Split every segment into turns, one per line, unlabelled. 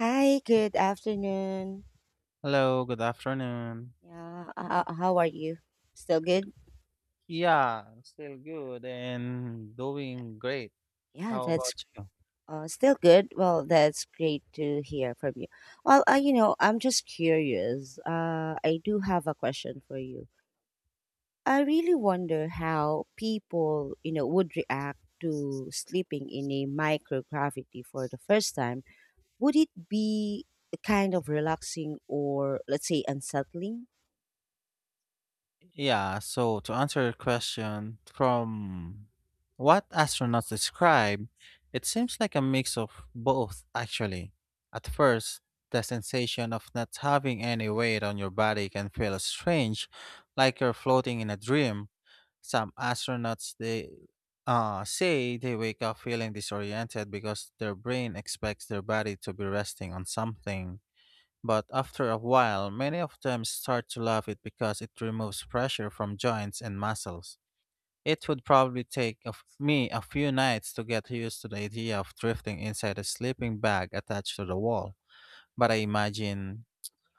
Hi, good afternoon.
Hello, good afternoon.
Yeah, how are you? Still good?
Yeah, still good and doing great.
Yeah,
How
that's
about you?
Still good. Well, that's great to hear from you. Well, I'm just curious. I do have a question for you. I really wonder how people, you know, would react to sleeping in a microgravity for the first time. Would it be kind of relaxing or, let's say, unsettling?
Yeah, so to answer your question, from what astronauts describe, it seems like a mix of both, actually. At first, the sensation of not having any weight on your body can feel strange, like you're floating in a dream. Some astronauts they say they wake up feeling disoriented because their brain expects their body to be resting on something. But after a while, many of them start to love it because it removes pressure from joints and muscles. It would probably take me a few nights to get used to the idea of drifting inside a sleeping bag attached to the wall. But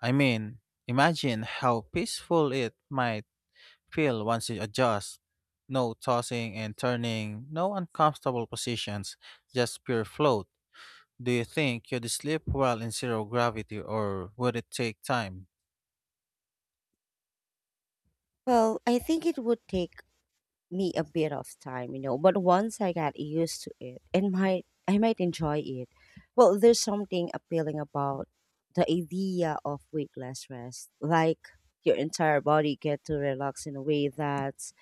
I mean, imagine how peaceful it might feel once you adjust. No tossing and turning, no uncomfortable positions, just pure float. Do you think you'd sleep well in zero gravity or would it take time?
Well, I think it would take me a bit of time, you know, but once I got used to it and might I might enjoy it. Well, there's something appealing about the idea of weightless rest. Like your entire body get to relax in a way that's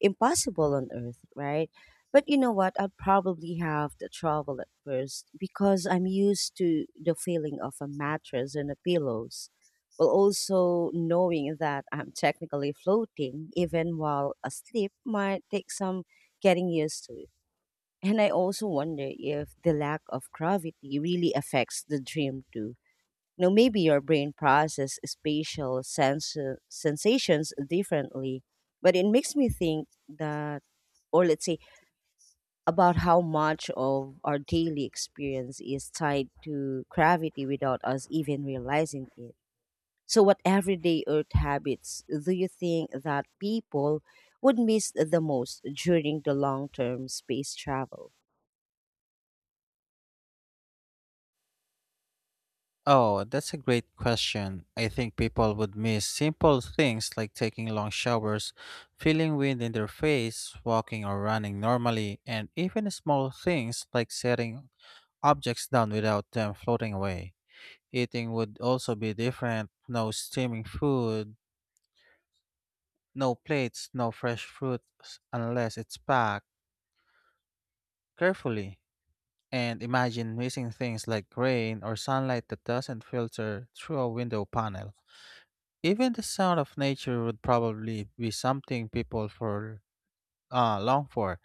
impossible on earth, right? But you know what? I'd probably have to travel at first because I'm used to the feeling of a mattress and a pillows while also knowing that I'm technically floating even while asleep might take some getting used to. And I also wonder if the lack of gravity really affects the dream too. You know, maybe your brain processes sensations differently, but it makes me think that, or let's say, about how much of our daily experience is tied to gravity without us even realizing it. So, what everyday earth habits do you think that people would miss the most during the long term space travel?
Oh, that's a great question. I think people would miss simple things like taking long showers, feeling wind in their face, walking or running normally, and even small things like setting objects down without them floating away. Eating would also be different: no steaming food, no plates, no fresh fruit, unless it's packed carefully. And imagine missing things like rain or sunlight that doesn't filter through a window panel. Even the sound of nature would probably be something people for long for.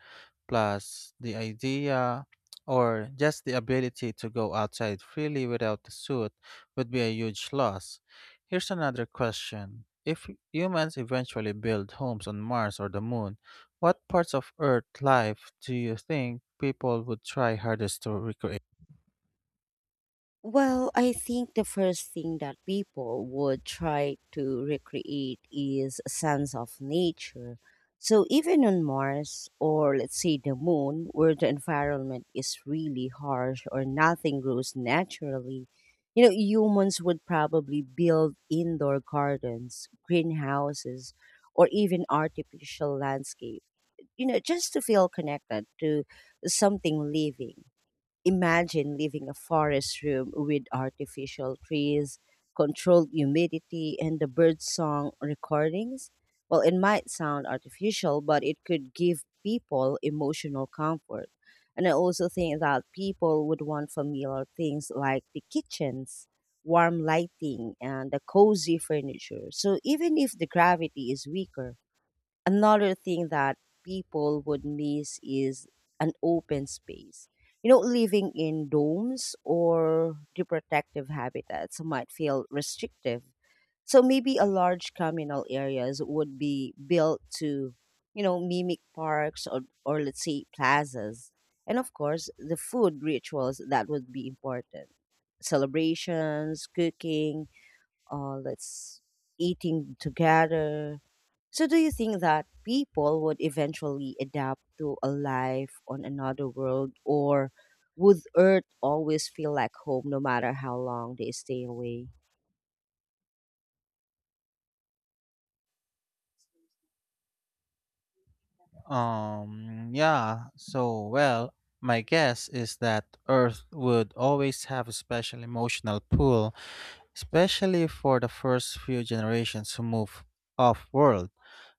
Plus, the idea or just the ability to go outside freely without a suit would be a huge loss. Here's another question. If humans eventually build homes on Mars or the moon, what parts of Earth life do you think people would try hardest to recreate?
Well, I think the first thing that people would try to recreate is a sense of nature. So even on Mars or let's say the moon where the environment is really harsh or nothing grows naturally, you know, humans would probably build indoor gardens, greenhouses, or even artificial landscape, you know, just to feel connected to something living. Imagine living a forest room with artificial trees, controlled humidity, and the bird song recordings. Well, it might sound artificial, but it could give people emotional comfort. And I also think that people would want familiar things like the kitchens, warm lighting, and the cozy furniture. So even if the gravity is weaker, another thing that people would miss is an open space. You know, living in domes or the protective habitats might feel restrictive. So maybe a large communal areas would be built to, you know, mimic parks or let's say plazas. And of course, the food rituals that would be important. Celebrations, cooking, let's eating together. So do you think that people would eventually adapt to a life on another world or would Earth always feel like home no matter how long they stay away?
Yeah, so well, my guess is that Earth would always have a special emotional pull, especially for the first few generations who move off world.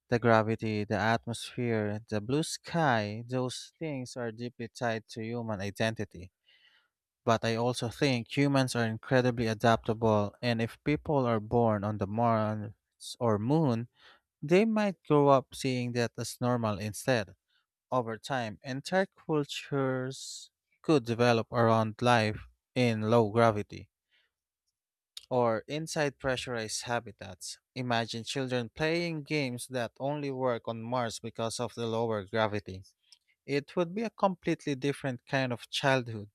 The gravity, the atmosphere, the blue sky, those things are deeply tied to human identity. But I also think humans are incredibly adaptable, and if people are born on the Mars or Moon, they might grow up seeing that as normal instead. Over time, entire cultures could develop around life in low gravity or inside pressurized habitats. Imagine children playing games that only work on Mars because of the lower gravity. It would be a completely different kind of childhood,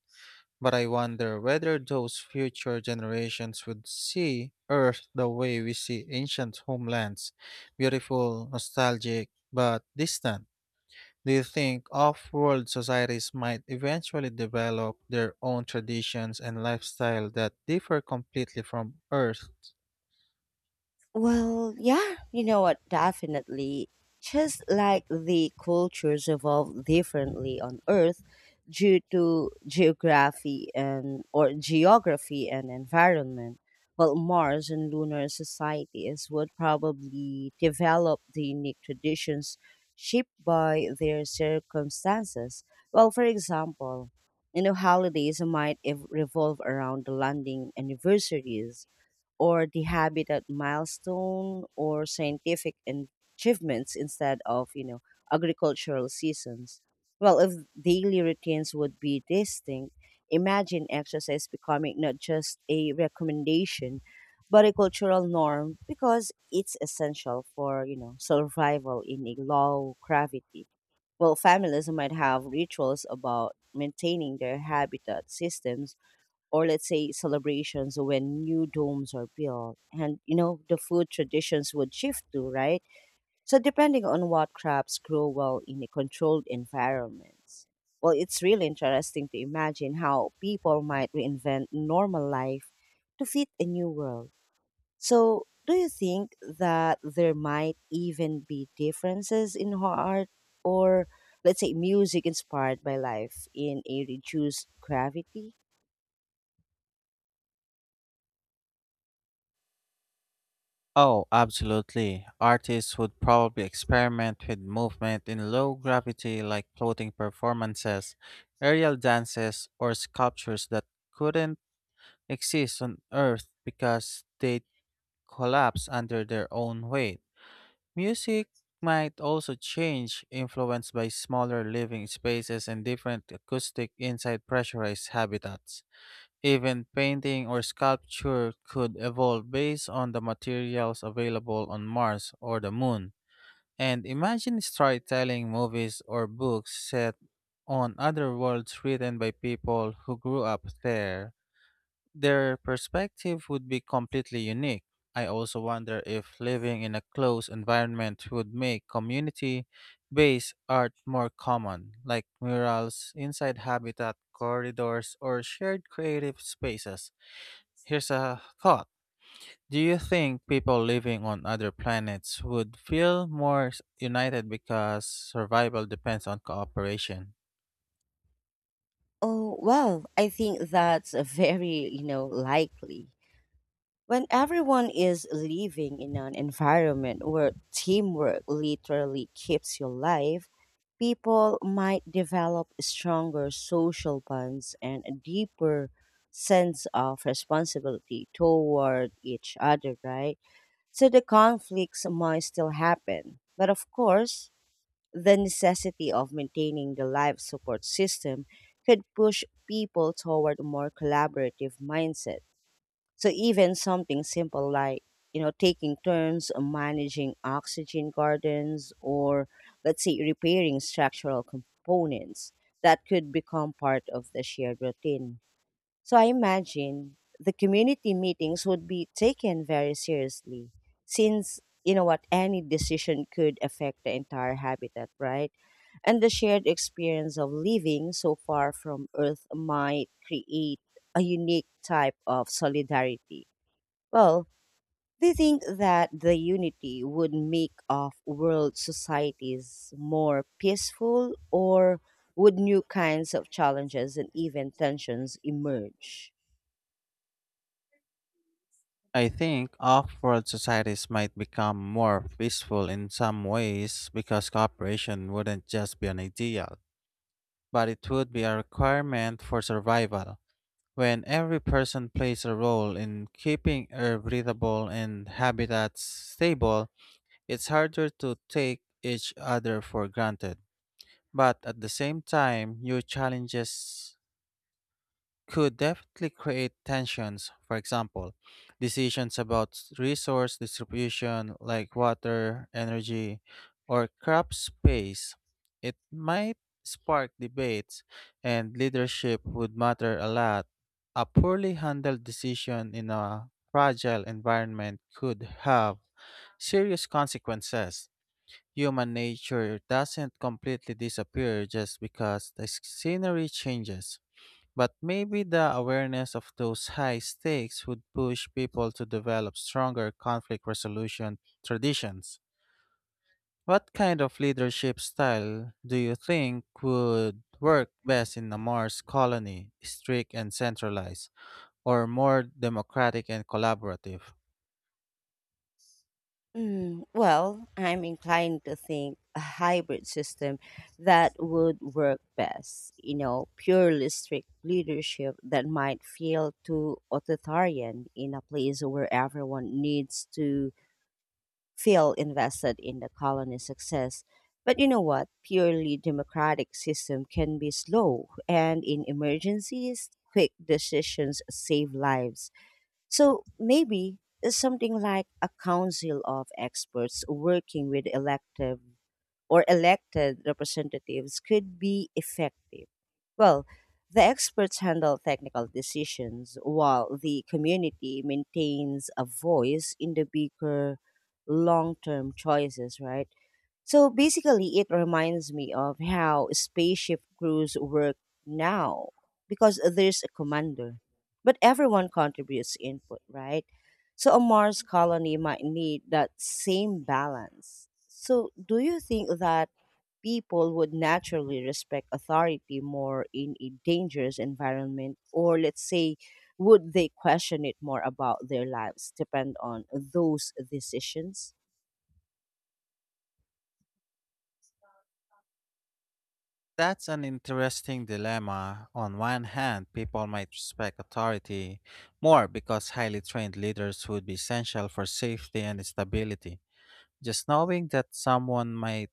but I wonder whether those future generations would see Earth the way we see ancient homelands: beautiful, nostalgic, but distant. Do you think off world societies might eventually develop their own traditions and lifestyle that differ completely from Earth's?
Well, yeah, you know what? Definitely. Just like the cultures evolved differently on Earth due to geography and environment. Well, Mars and lunar societies would probably develop the unique traditions shaped by their circumstances. Well, for example, you know, holidays might revolve around the landing anniversaries or the habit at milestone or achievements instead of, you know, agricultural seasons. Well, if daily routines would be distinct, imagine exercise becoming not just a recommendation but a cultural norm because it's essential for, you know, survival in a low gravity. Well, families might have rituals about maintaining their habitat systems or let's say celebrations when new domes are built. And you know, the food traditions would shift too, right? So depending on what crops grow well in a controlled environments. Well, it's really interesting to imagine how people might reinvent normal life to fit a new world. So, do you think that there might even be differences in art or, let's say, music inspired by life in a reduced gravity?
Oh, absolutely. Artists would probably experiment with movement in low gravity, like floating performances, aerial dances, or sculptures that couldn't exist on Earth because they'd collapse under their own weight. Music might also change, influenced by smaller living spaces and different acoustic inside pressurized habitats. Even painting or sculpture could evolve based on the materials available on Mars or the Moon. And imagine storytelling, movies, or books set on other worlds written by people who grew up there. Their perspective would be completely unique. I also wonder if living in a closed environment would make community based art more common, like murals inside habitat corridors or shared creative spaces. Here's a thought. Do you think people living on other planets would feel more united because survival depends on cooperation?
Oh, well, I think that's a very, you know, likely. When everyone is living in an environment where teamwork literally keeps you alive, people might develop stronger social bonds and a deeper sense of responsibility toward each other, right? So the conflicts might still happen. But of course, the necessity of maintaining the life support system could push people toward a more collaborative mindset. So even something simple like, you know, taking turns on managing oxygen gardens or let's say repairing structural components that could become part of the shared routine. So I imagine the community meetings would be taken very seriously since you know what, any decision could affect the entire habitat, right? And the shared experience of living so far from Earth might create a unique type of solidarity. Well, they think that the unity would make of world societies more peaceful or would new kinds of challenges and even tensions emerge?
I think off-world societies might become more peaceful in some ways because cooperation wouldn't just be an ideal, but it would be a requirement for survival. When every person plays a role in keeping air breathable and habitats stable, it's harder to take each other for granted. But at the same time, new challenges could definitely create tensions. For example, decisions about resource distribution like water, energy, or crop space. It might spark debates, and leadership would matter a lot. A poorly handled decision in a fragile environment could have serious consequences. Human nature doesn't completely disappear just because the scenery changes. But maybe the awareness of those high stakes would push people to develop stronger conflict resolution traditions. What kind of leadership style do you think would work best in a Mars colony, strict and centralized, or more democratic and collaborative?
Mm, well, I'm inclined to think a hybrid system that would work best. You know, purely strict leadership that might feel too authoritarian in a place where everyone needs to feel invested in the colony's success. But you know what? Purely democratic system can be slow, and in emergencies, quick decisions save lives. So maybe something like a council of experts working with elective or elected representatives could be effective. Well, the experts handle technical decisions while the community maintains a voice in the bigger long term choices, right? So basically, it reminds me of how spaceship crews work now, because there's a commander, but everyone contributes input, right? So a Mars colony might need that same balance. So, do you think that people would naturally respect authority more in a dangerous environment, or let's say, would they question it more about their lives, depend on those decisions?
That's an interesting dilemma. On one hand, people might respect authority more because highly trained leaders would be essential for safety and stability. Just knowing that someone might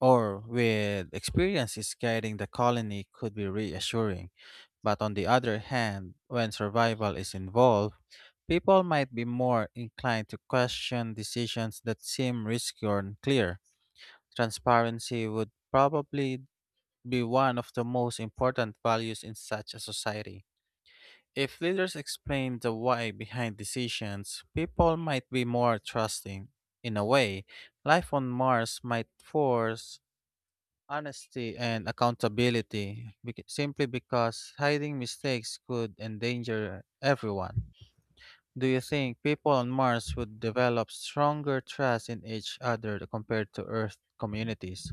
or with experience is guiding the colony could be reassuring. But on the other hand, when survival is involved, people might be more inclined to question decisions that seem risky or unclear. Transparency would probably be one of the most important values in such a society. If leaders explain the why behind decisions, people might be more trusting. In a way, life on Mars might force honesty and accountability simply because hiding mistakes could endanger everyone. Do you think people on Mars would develop stronger trust in each other compared to Earth communities?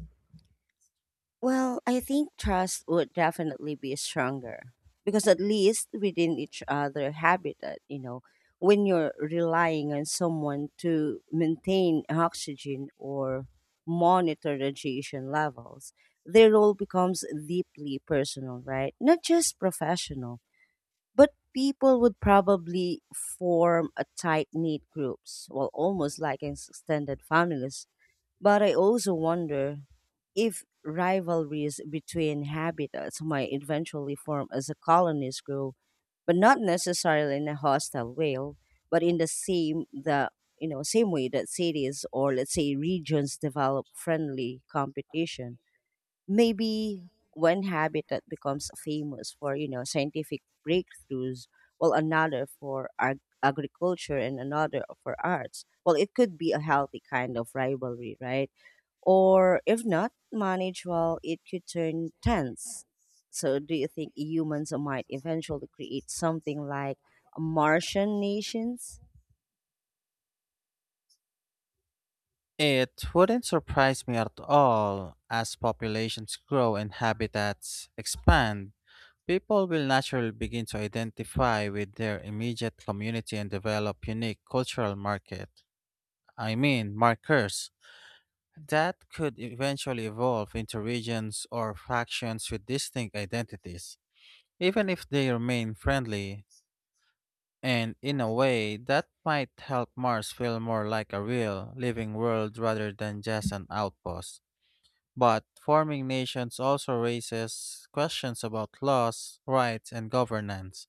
Well, I think trust would definitely be stronger because at least within each other habitat, you know, when you're relying on someone to maintain oxygen or monitor radiation levels, their role becomes deeply personal, right? Not just professional, but people would probably form a tight knit groups, well, almost like an extended families. But I also wonder if rivalries between habitats might eventually form as the colonies grow, but not necessarily in a hostile way, but in the same the you know, same way that cities or let's say regions develop friendly competition. Maybe one habitat becomes famous for, you know, scientific breakthroughs, while another for agriculture and another for arts. Well, it could be a healthy kind of rivalry, right? Or if not managed well, it could turn tense. So do you think humans might eventually create something like martian nations?
It wouldn't surprise me at all as populations grow and habitats expand. People will naturally begin to identify with their immediate community and develop unique cultural I mean, markers that could eventually evolve into regions or factions with distinct identities. Even if they remain friendly, and in a way that might help Mars feel more like a real, living world rather than just an outpost. But forming nations also raises questions about laws, rights, and governance.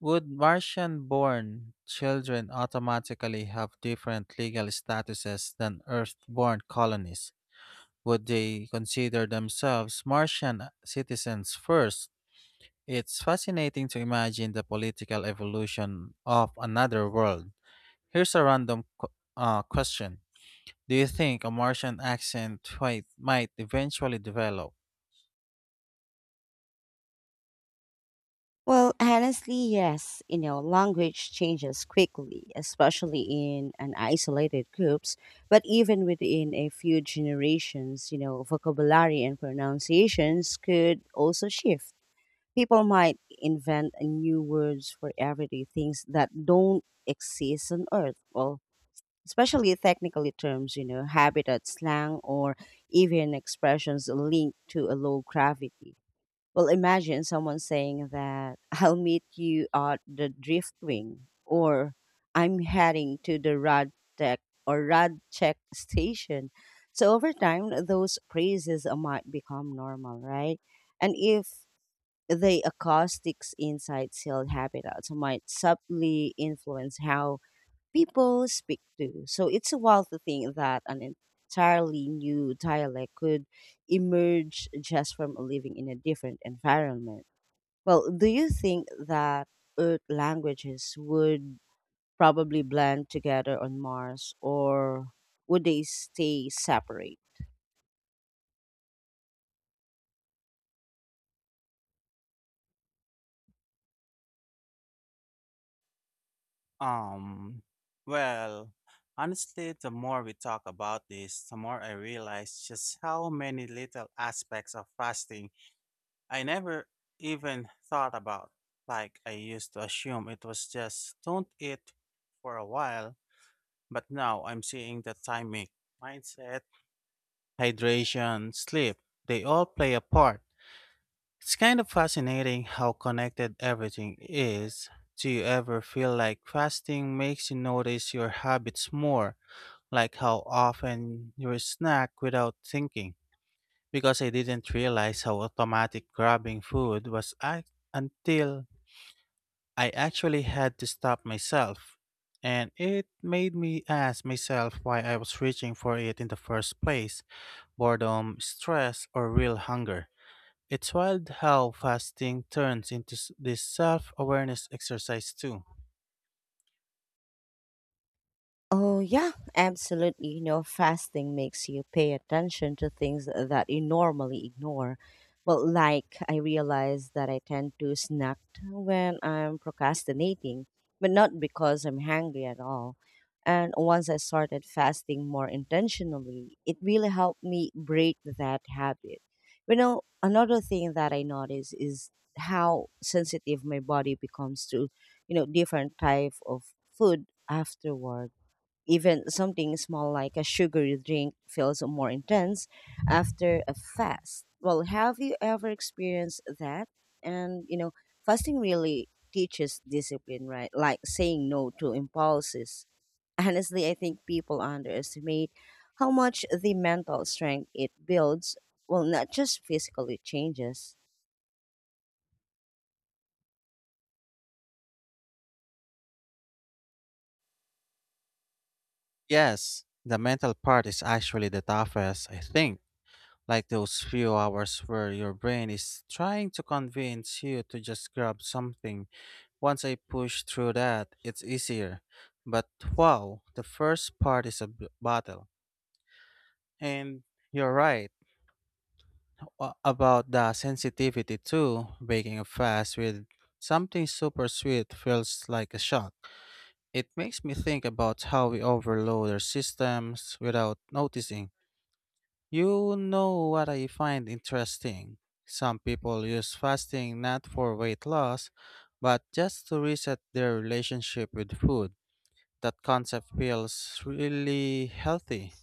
Would Martian born children automatically have different legal statuses than Earth born colonies? Would they consider themselves Martian citizens first? It's fascinating to imagine the political evolution of another world. Here's a random question. Do you think a Martian accent might eventually develop?
Well, honestly, yes. You know, language changes quickly, especially in an isolated groups, but even within a few generations, you know, vocabulary and pronunciations could also shift. People might invent a new words for everyday things that don't exist on Earth. Well, especially technically terms, you know, habitat slang or even expressions linked to a low gravity. Well, imagine someone saying that I'll meet you at the Driftwing or I'm heading to the Radtech or Radcheck station. So over time, those phrases might become normal, right? And if the acoustics inside sealed habitats might subtly influence how people speak to. So it's a wild to think that an entirely new dialect could emerge just from living in a different environment. Well, do you think that Earth languages would probably blend together on Mars or would they stay separate?
Um, well, honestly, the more we talk about this, the more I realize just how many little aspects of fasting I never even thought about. Like, I used to assume it was just don't eat for a while, but now I'm seeing the timing, mindset, hydration, sleep, they all play a part. It's kind of fascinating how connected everything is. Do you ever feel like fasting makes you notice your habits more, like how often you snack without thinking? Because I didn't realize how automatic grabbing food was until I actually had to stop myself. And it made me ask myself why I was reaching for it in the first place: boredom, stress, or real hunger. It's wild how fasting turns into this self awareness exercise, too.
Oh, yeah, absolutely. You know, fasting makes you pay attention to things that you normally ignore. Well, like I realize that I tend to snack when I'm procrastinating, but not because I'm hungry at all. And once I started fasting more intentionally, it really helped me break that habit. You know, another thing that I notice is how sensitive my body becomes to, you know, different type of food afterward. Even something small like a sugary drink feels more intense after a fast. Well, have you ever experienced that? And, you know, fasting really teaches discipline, right? Like saying no to impulses. Honestly, I think people underestimate how much the mental strength it builds, well, not just physically changes.
Yes, the mental part is actually the toughest, I think. Like those few hours where your brain is trying to convince you to just grab something. Once I push through that, it's easier. But wow, the first part is a battle. And you're right about the sensitivity too. Breaking a fast with something super sweet feels like a shock. It makes me think about how we overload our systems without noticing. You know what I find interesting? Some people use fasting not for weight loss, but just to reset their relationship with food. That concept feels really healthy.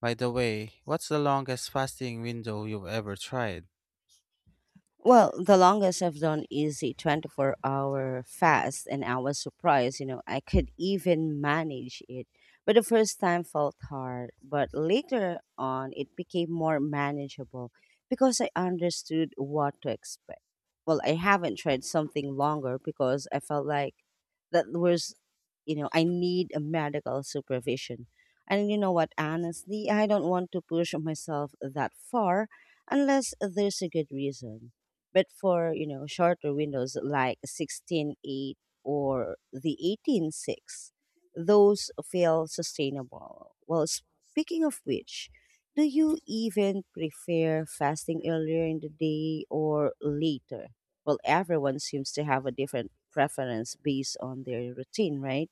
By the way, what's the longest fasting window you've ever tried?
Well, the longest I've done is a 24-hour fast, and I was surprised, you know, I could even manage it. But the first time felt hard, but later on, it became more manageable because I understood what to expect. Well, I haven't tried something longer because I felt like that was, you know, I need a medical supervision. And you know what, honestly, I don't want to push myself that far unless there's a good reason. But for, you know, shorter windows like 16:8 or the 18:6, those feel sustainable. Well, speaking of which, do you even prefer fasting earlier in the day or later? Well, everyone seems to have a different preference based on their routine, right?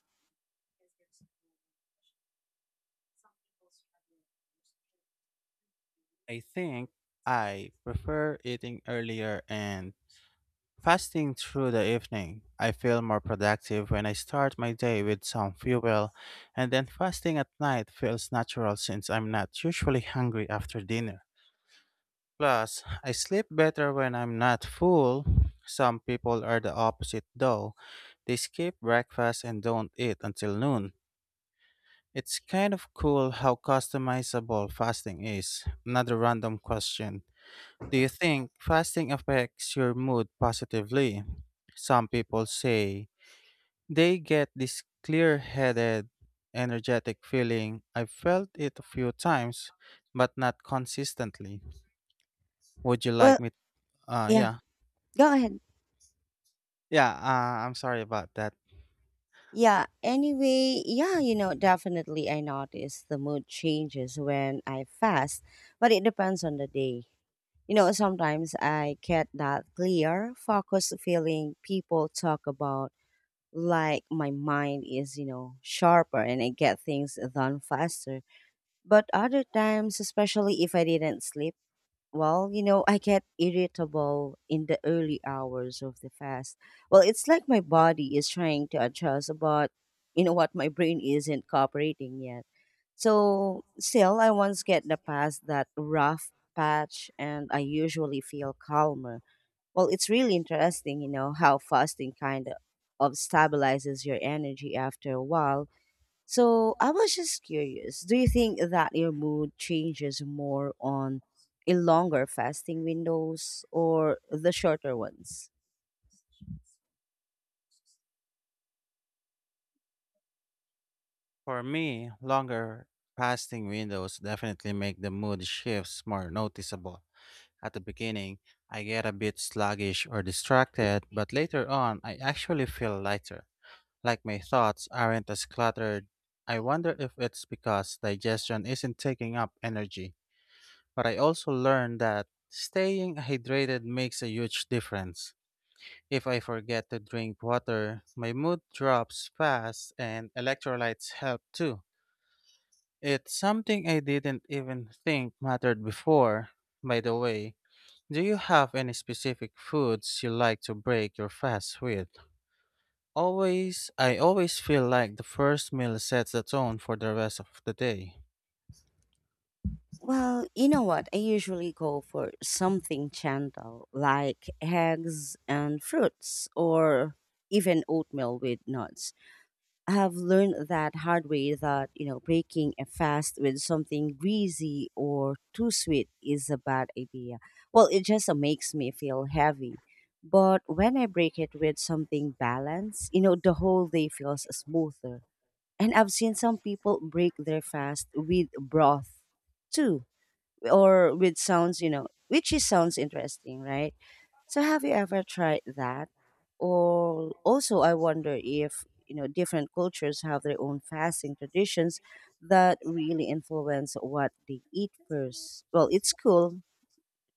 I think I prefer eating earlier and fasting through the evening. I feel more productive when I start my day with some fuel, and then fasting at night feels natural since I'm not usually hungry after dinner. Plus, I sleep better when I'm not full. Some people are the opposite though. They skip breakfast and don't eat until noon. It's kind of cool how customizable fasting is. Another random question. Do you think fasting affects your mood positively? Some people say they get this clear headed, energetic feeling. I've felt it a few times, but not consistently. Would you like
Well,
me?
yeah,
Yeah.
go ahead.
Yeah, I'm sorry about that.
Yeah, anyway, yeah, you know, definitely I notice the mood changes when I fast, but it depends on the day. You know, sometimes I get that clear, focused feeling people talk about, like my mind is, you know, sharper and I get things done faster. But other times, especially if I didn't sleep, well, you know, I get irritable in the early hours of the fast. Well, it's like my body is trying to adjust, but you know what? My brain isn't cooperating yet. So, still, I once get the past that rough patch and I usually feel calmer. Well, it's really interesting, you know, how fasting kind of stabilizes your energy after a while. So I was just curious. Do you think that your mood changes more on a longer fasting windows or the shorter ones?
For me, longer fasting windows definitely make the mood shifts more noticeable. At the beginning, I get a bit sluggish or distracted, but later on, I actually feel lighter. Like my thoughts aren't as cluttered. I wonder if it's because digestion isn't taking up energy. But I also learned that staying hydrated makes a huge difference. If I forget to drink water, my mood drops fast and electrolytes help too. It's something I didn't even think mattered before. By the way, do you have any specific foods you like to break your fast with? Always, I always feel like the first meal sets the tone for the rest of the day.
Well, you know what? I usually go for something gentle like eggs and fruits or even oatmeal with nuts. I have learned that hard way that you know breaking a fast with something greasy or too sweet is a bad idea. Well, it just makes me feel heavy. But when I break it with something balanced, you know, the whole day feels smoother. And I've seen some people break their fast with broth too, or with sounds, you know, which is sounds interesting, right? So have you ever tried that? Or also I wonder if, you know, different cultures have their own fasting traditions that really influence what they eat first. Well, it's cool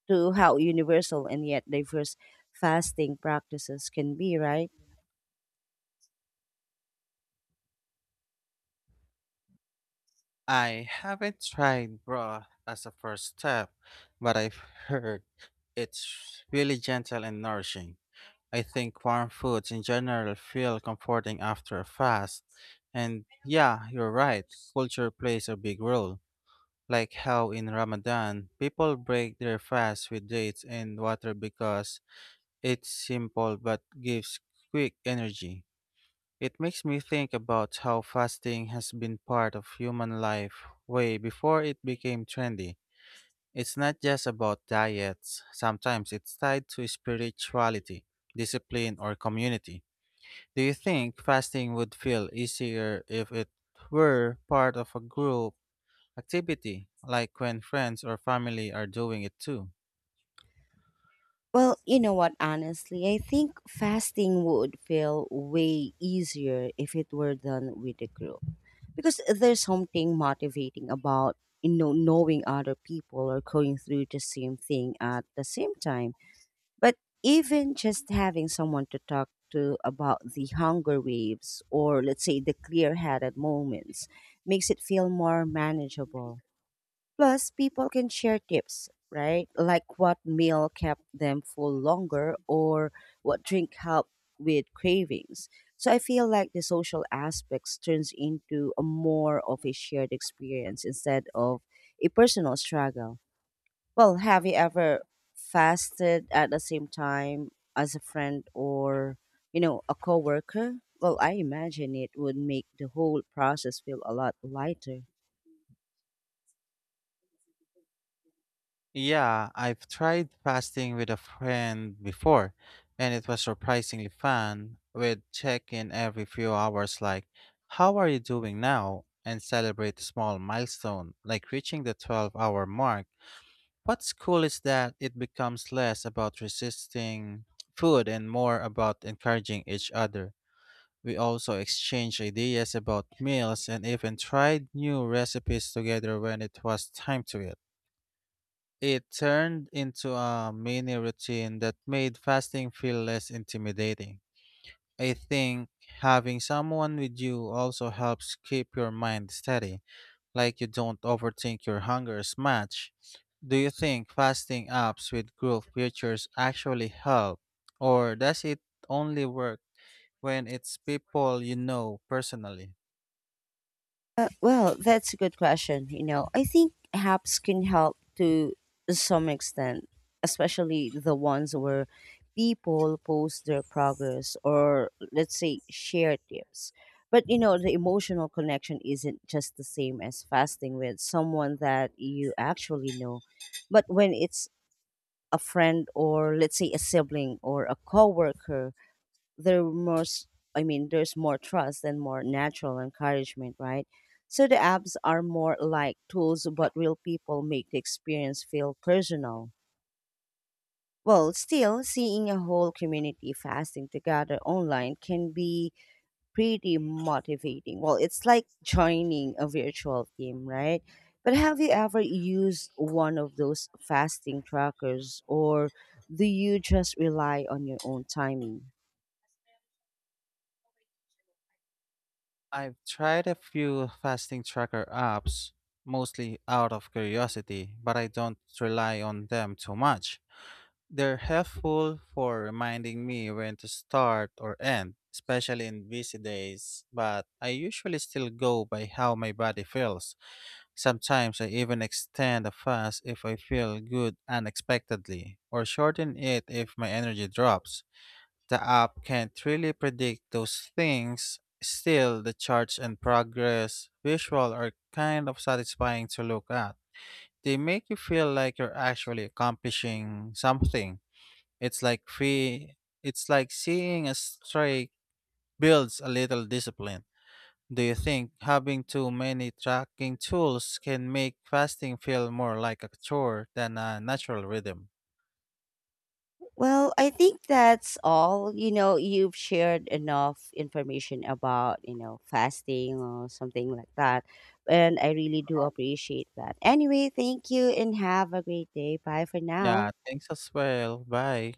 to how universal and yet diverse fasting practices can be, right?
I haven't tried broth as a first step, but I've heard it's really gentle and nourishing. I think warm foods in general feel comforting after a fast. And yeah, you're right, culture plays a big role. Like how in Ramadan, people break their fast with dates and water because it's simple but gives quick energy. It makes me think about how fasting has been part of human life way before it became trendy. It's not just about diets, sometimes it's tied to spirituality, discipline, or community. Do you think fasting would feel easier if it were part of a group activity, like when friends or family are doing it too?
Well, you know what, honestly, I think fasting would feel way easier if it were done with a group, because there's something motivating about, you know, knowing other people are going through the same thing at the same time. But even just having someone to talk to about the hunger waves or let's say the clear-headed moments makes it feel more manageable. Plus, people can share tips, right? Like what meal kept them full longer or what drink helped with cravings. So I feel like the social aspects turns into a more of a shared experience instead of a personal struggle. Well, have you ever fasted at the same time as a friend or, you know, a coworker? Well, I imagine it would make the whole process feel a lot lighter.
Yeah, I've tried fasting with a friend before, and it was surprisingly fun. We'd check in every few hours, like, "How are you doing now?" and celebrate a small milestone, like reaching the 12-hour mark. What's cool is that it becomes less about resisting food and more about encouraging each other. We also exchanged ideas about meals and even tried new recipes together when it was time to eat. It turned into a mini routine that made fasting feel less intimidating. I think having someone with you also helps keep your mind steady, like you don't overthink your hunger's match. Do you think fasting apps with group features actually help, or does it only work when it's people you know personally?
Well, that's a good question. You know, I think apps can help to some extent, especially the ones where people post their progress or, let's say, share tips. But, you know, the emotional connection isn't just the same as fasting with someone that you actually know. But when it's a friend or, let's say, a sibling or a coworker, there most I mean there's more trust and more natural encouragement, right? So the apps are more like tools, but real people make the experience feel personal. Well, still, seeing a whole community fasting together online can be pretty motivating. Well, it's like joining a virtual team, right? But have you ever used one of those fasting trackers or do you just rely on your own timing?
I've tried a few fasting tracker apps, mostly out of curiosity, but I don't rely on them too much. They're helpful for reminding me when to start or end, especially in busy days, but I usually still go by how my body feels. Sometimes I even extend a fast if I feel good unexpectedly, or shorten it if my energy drops. The app can't really predict those things. Still, the charts and progress visual are kind of satisfying to look at. They make you feel like you're actually accomplishing something. It's like free, it's like seeing a streak builds a little discipline. Do you think having too many tracking tools can make fasting feel more like a chore than a natural rhythm?
Well, I think that's all. You know, you've shared enough information about, you know, fasting or something like that. And I really do appreciate that. Anyway, thank you and have a great day. Bye for
Yeah,
now.
thanks as well. Bye.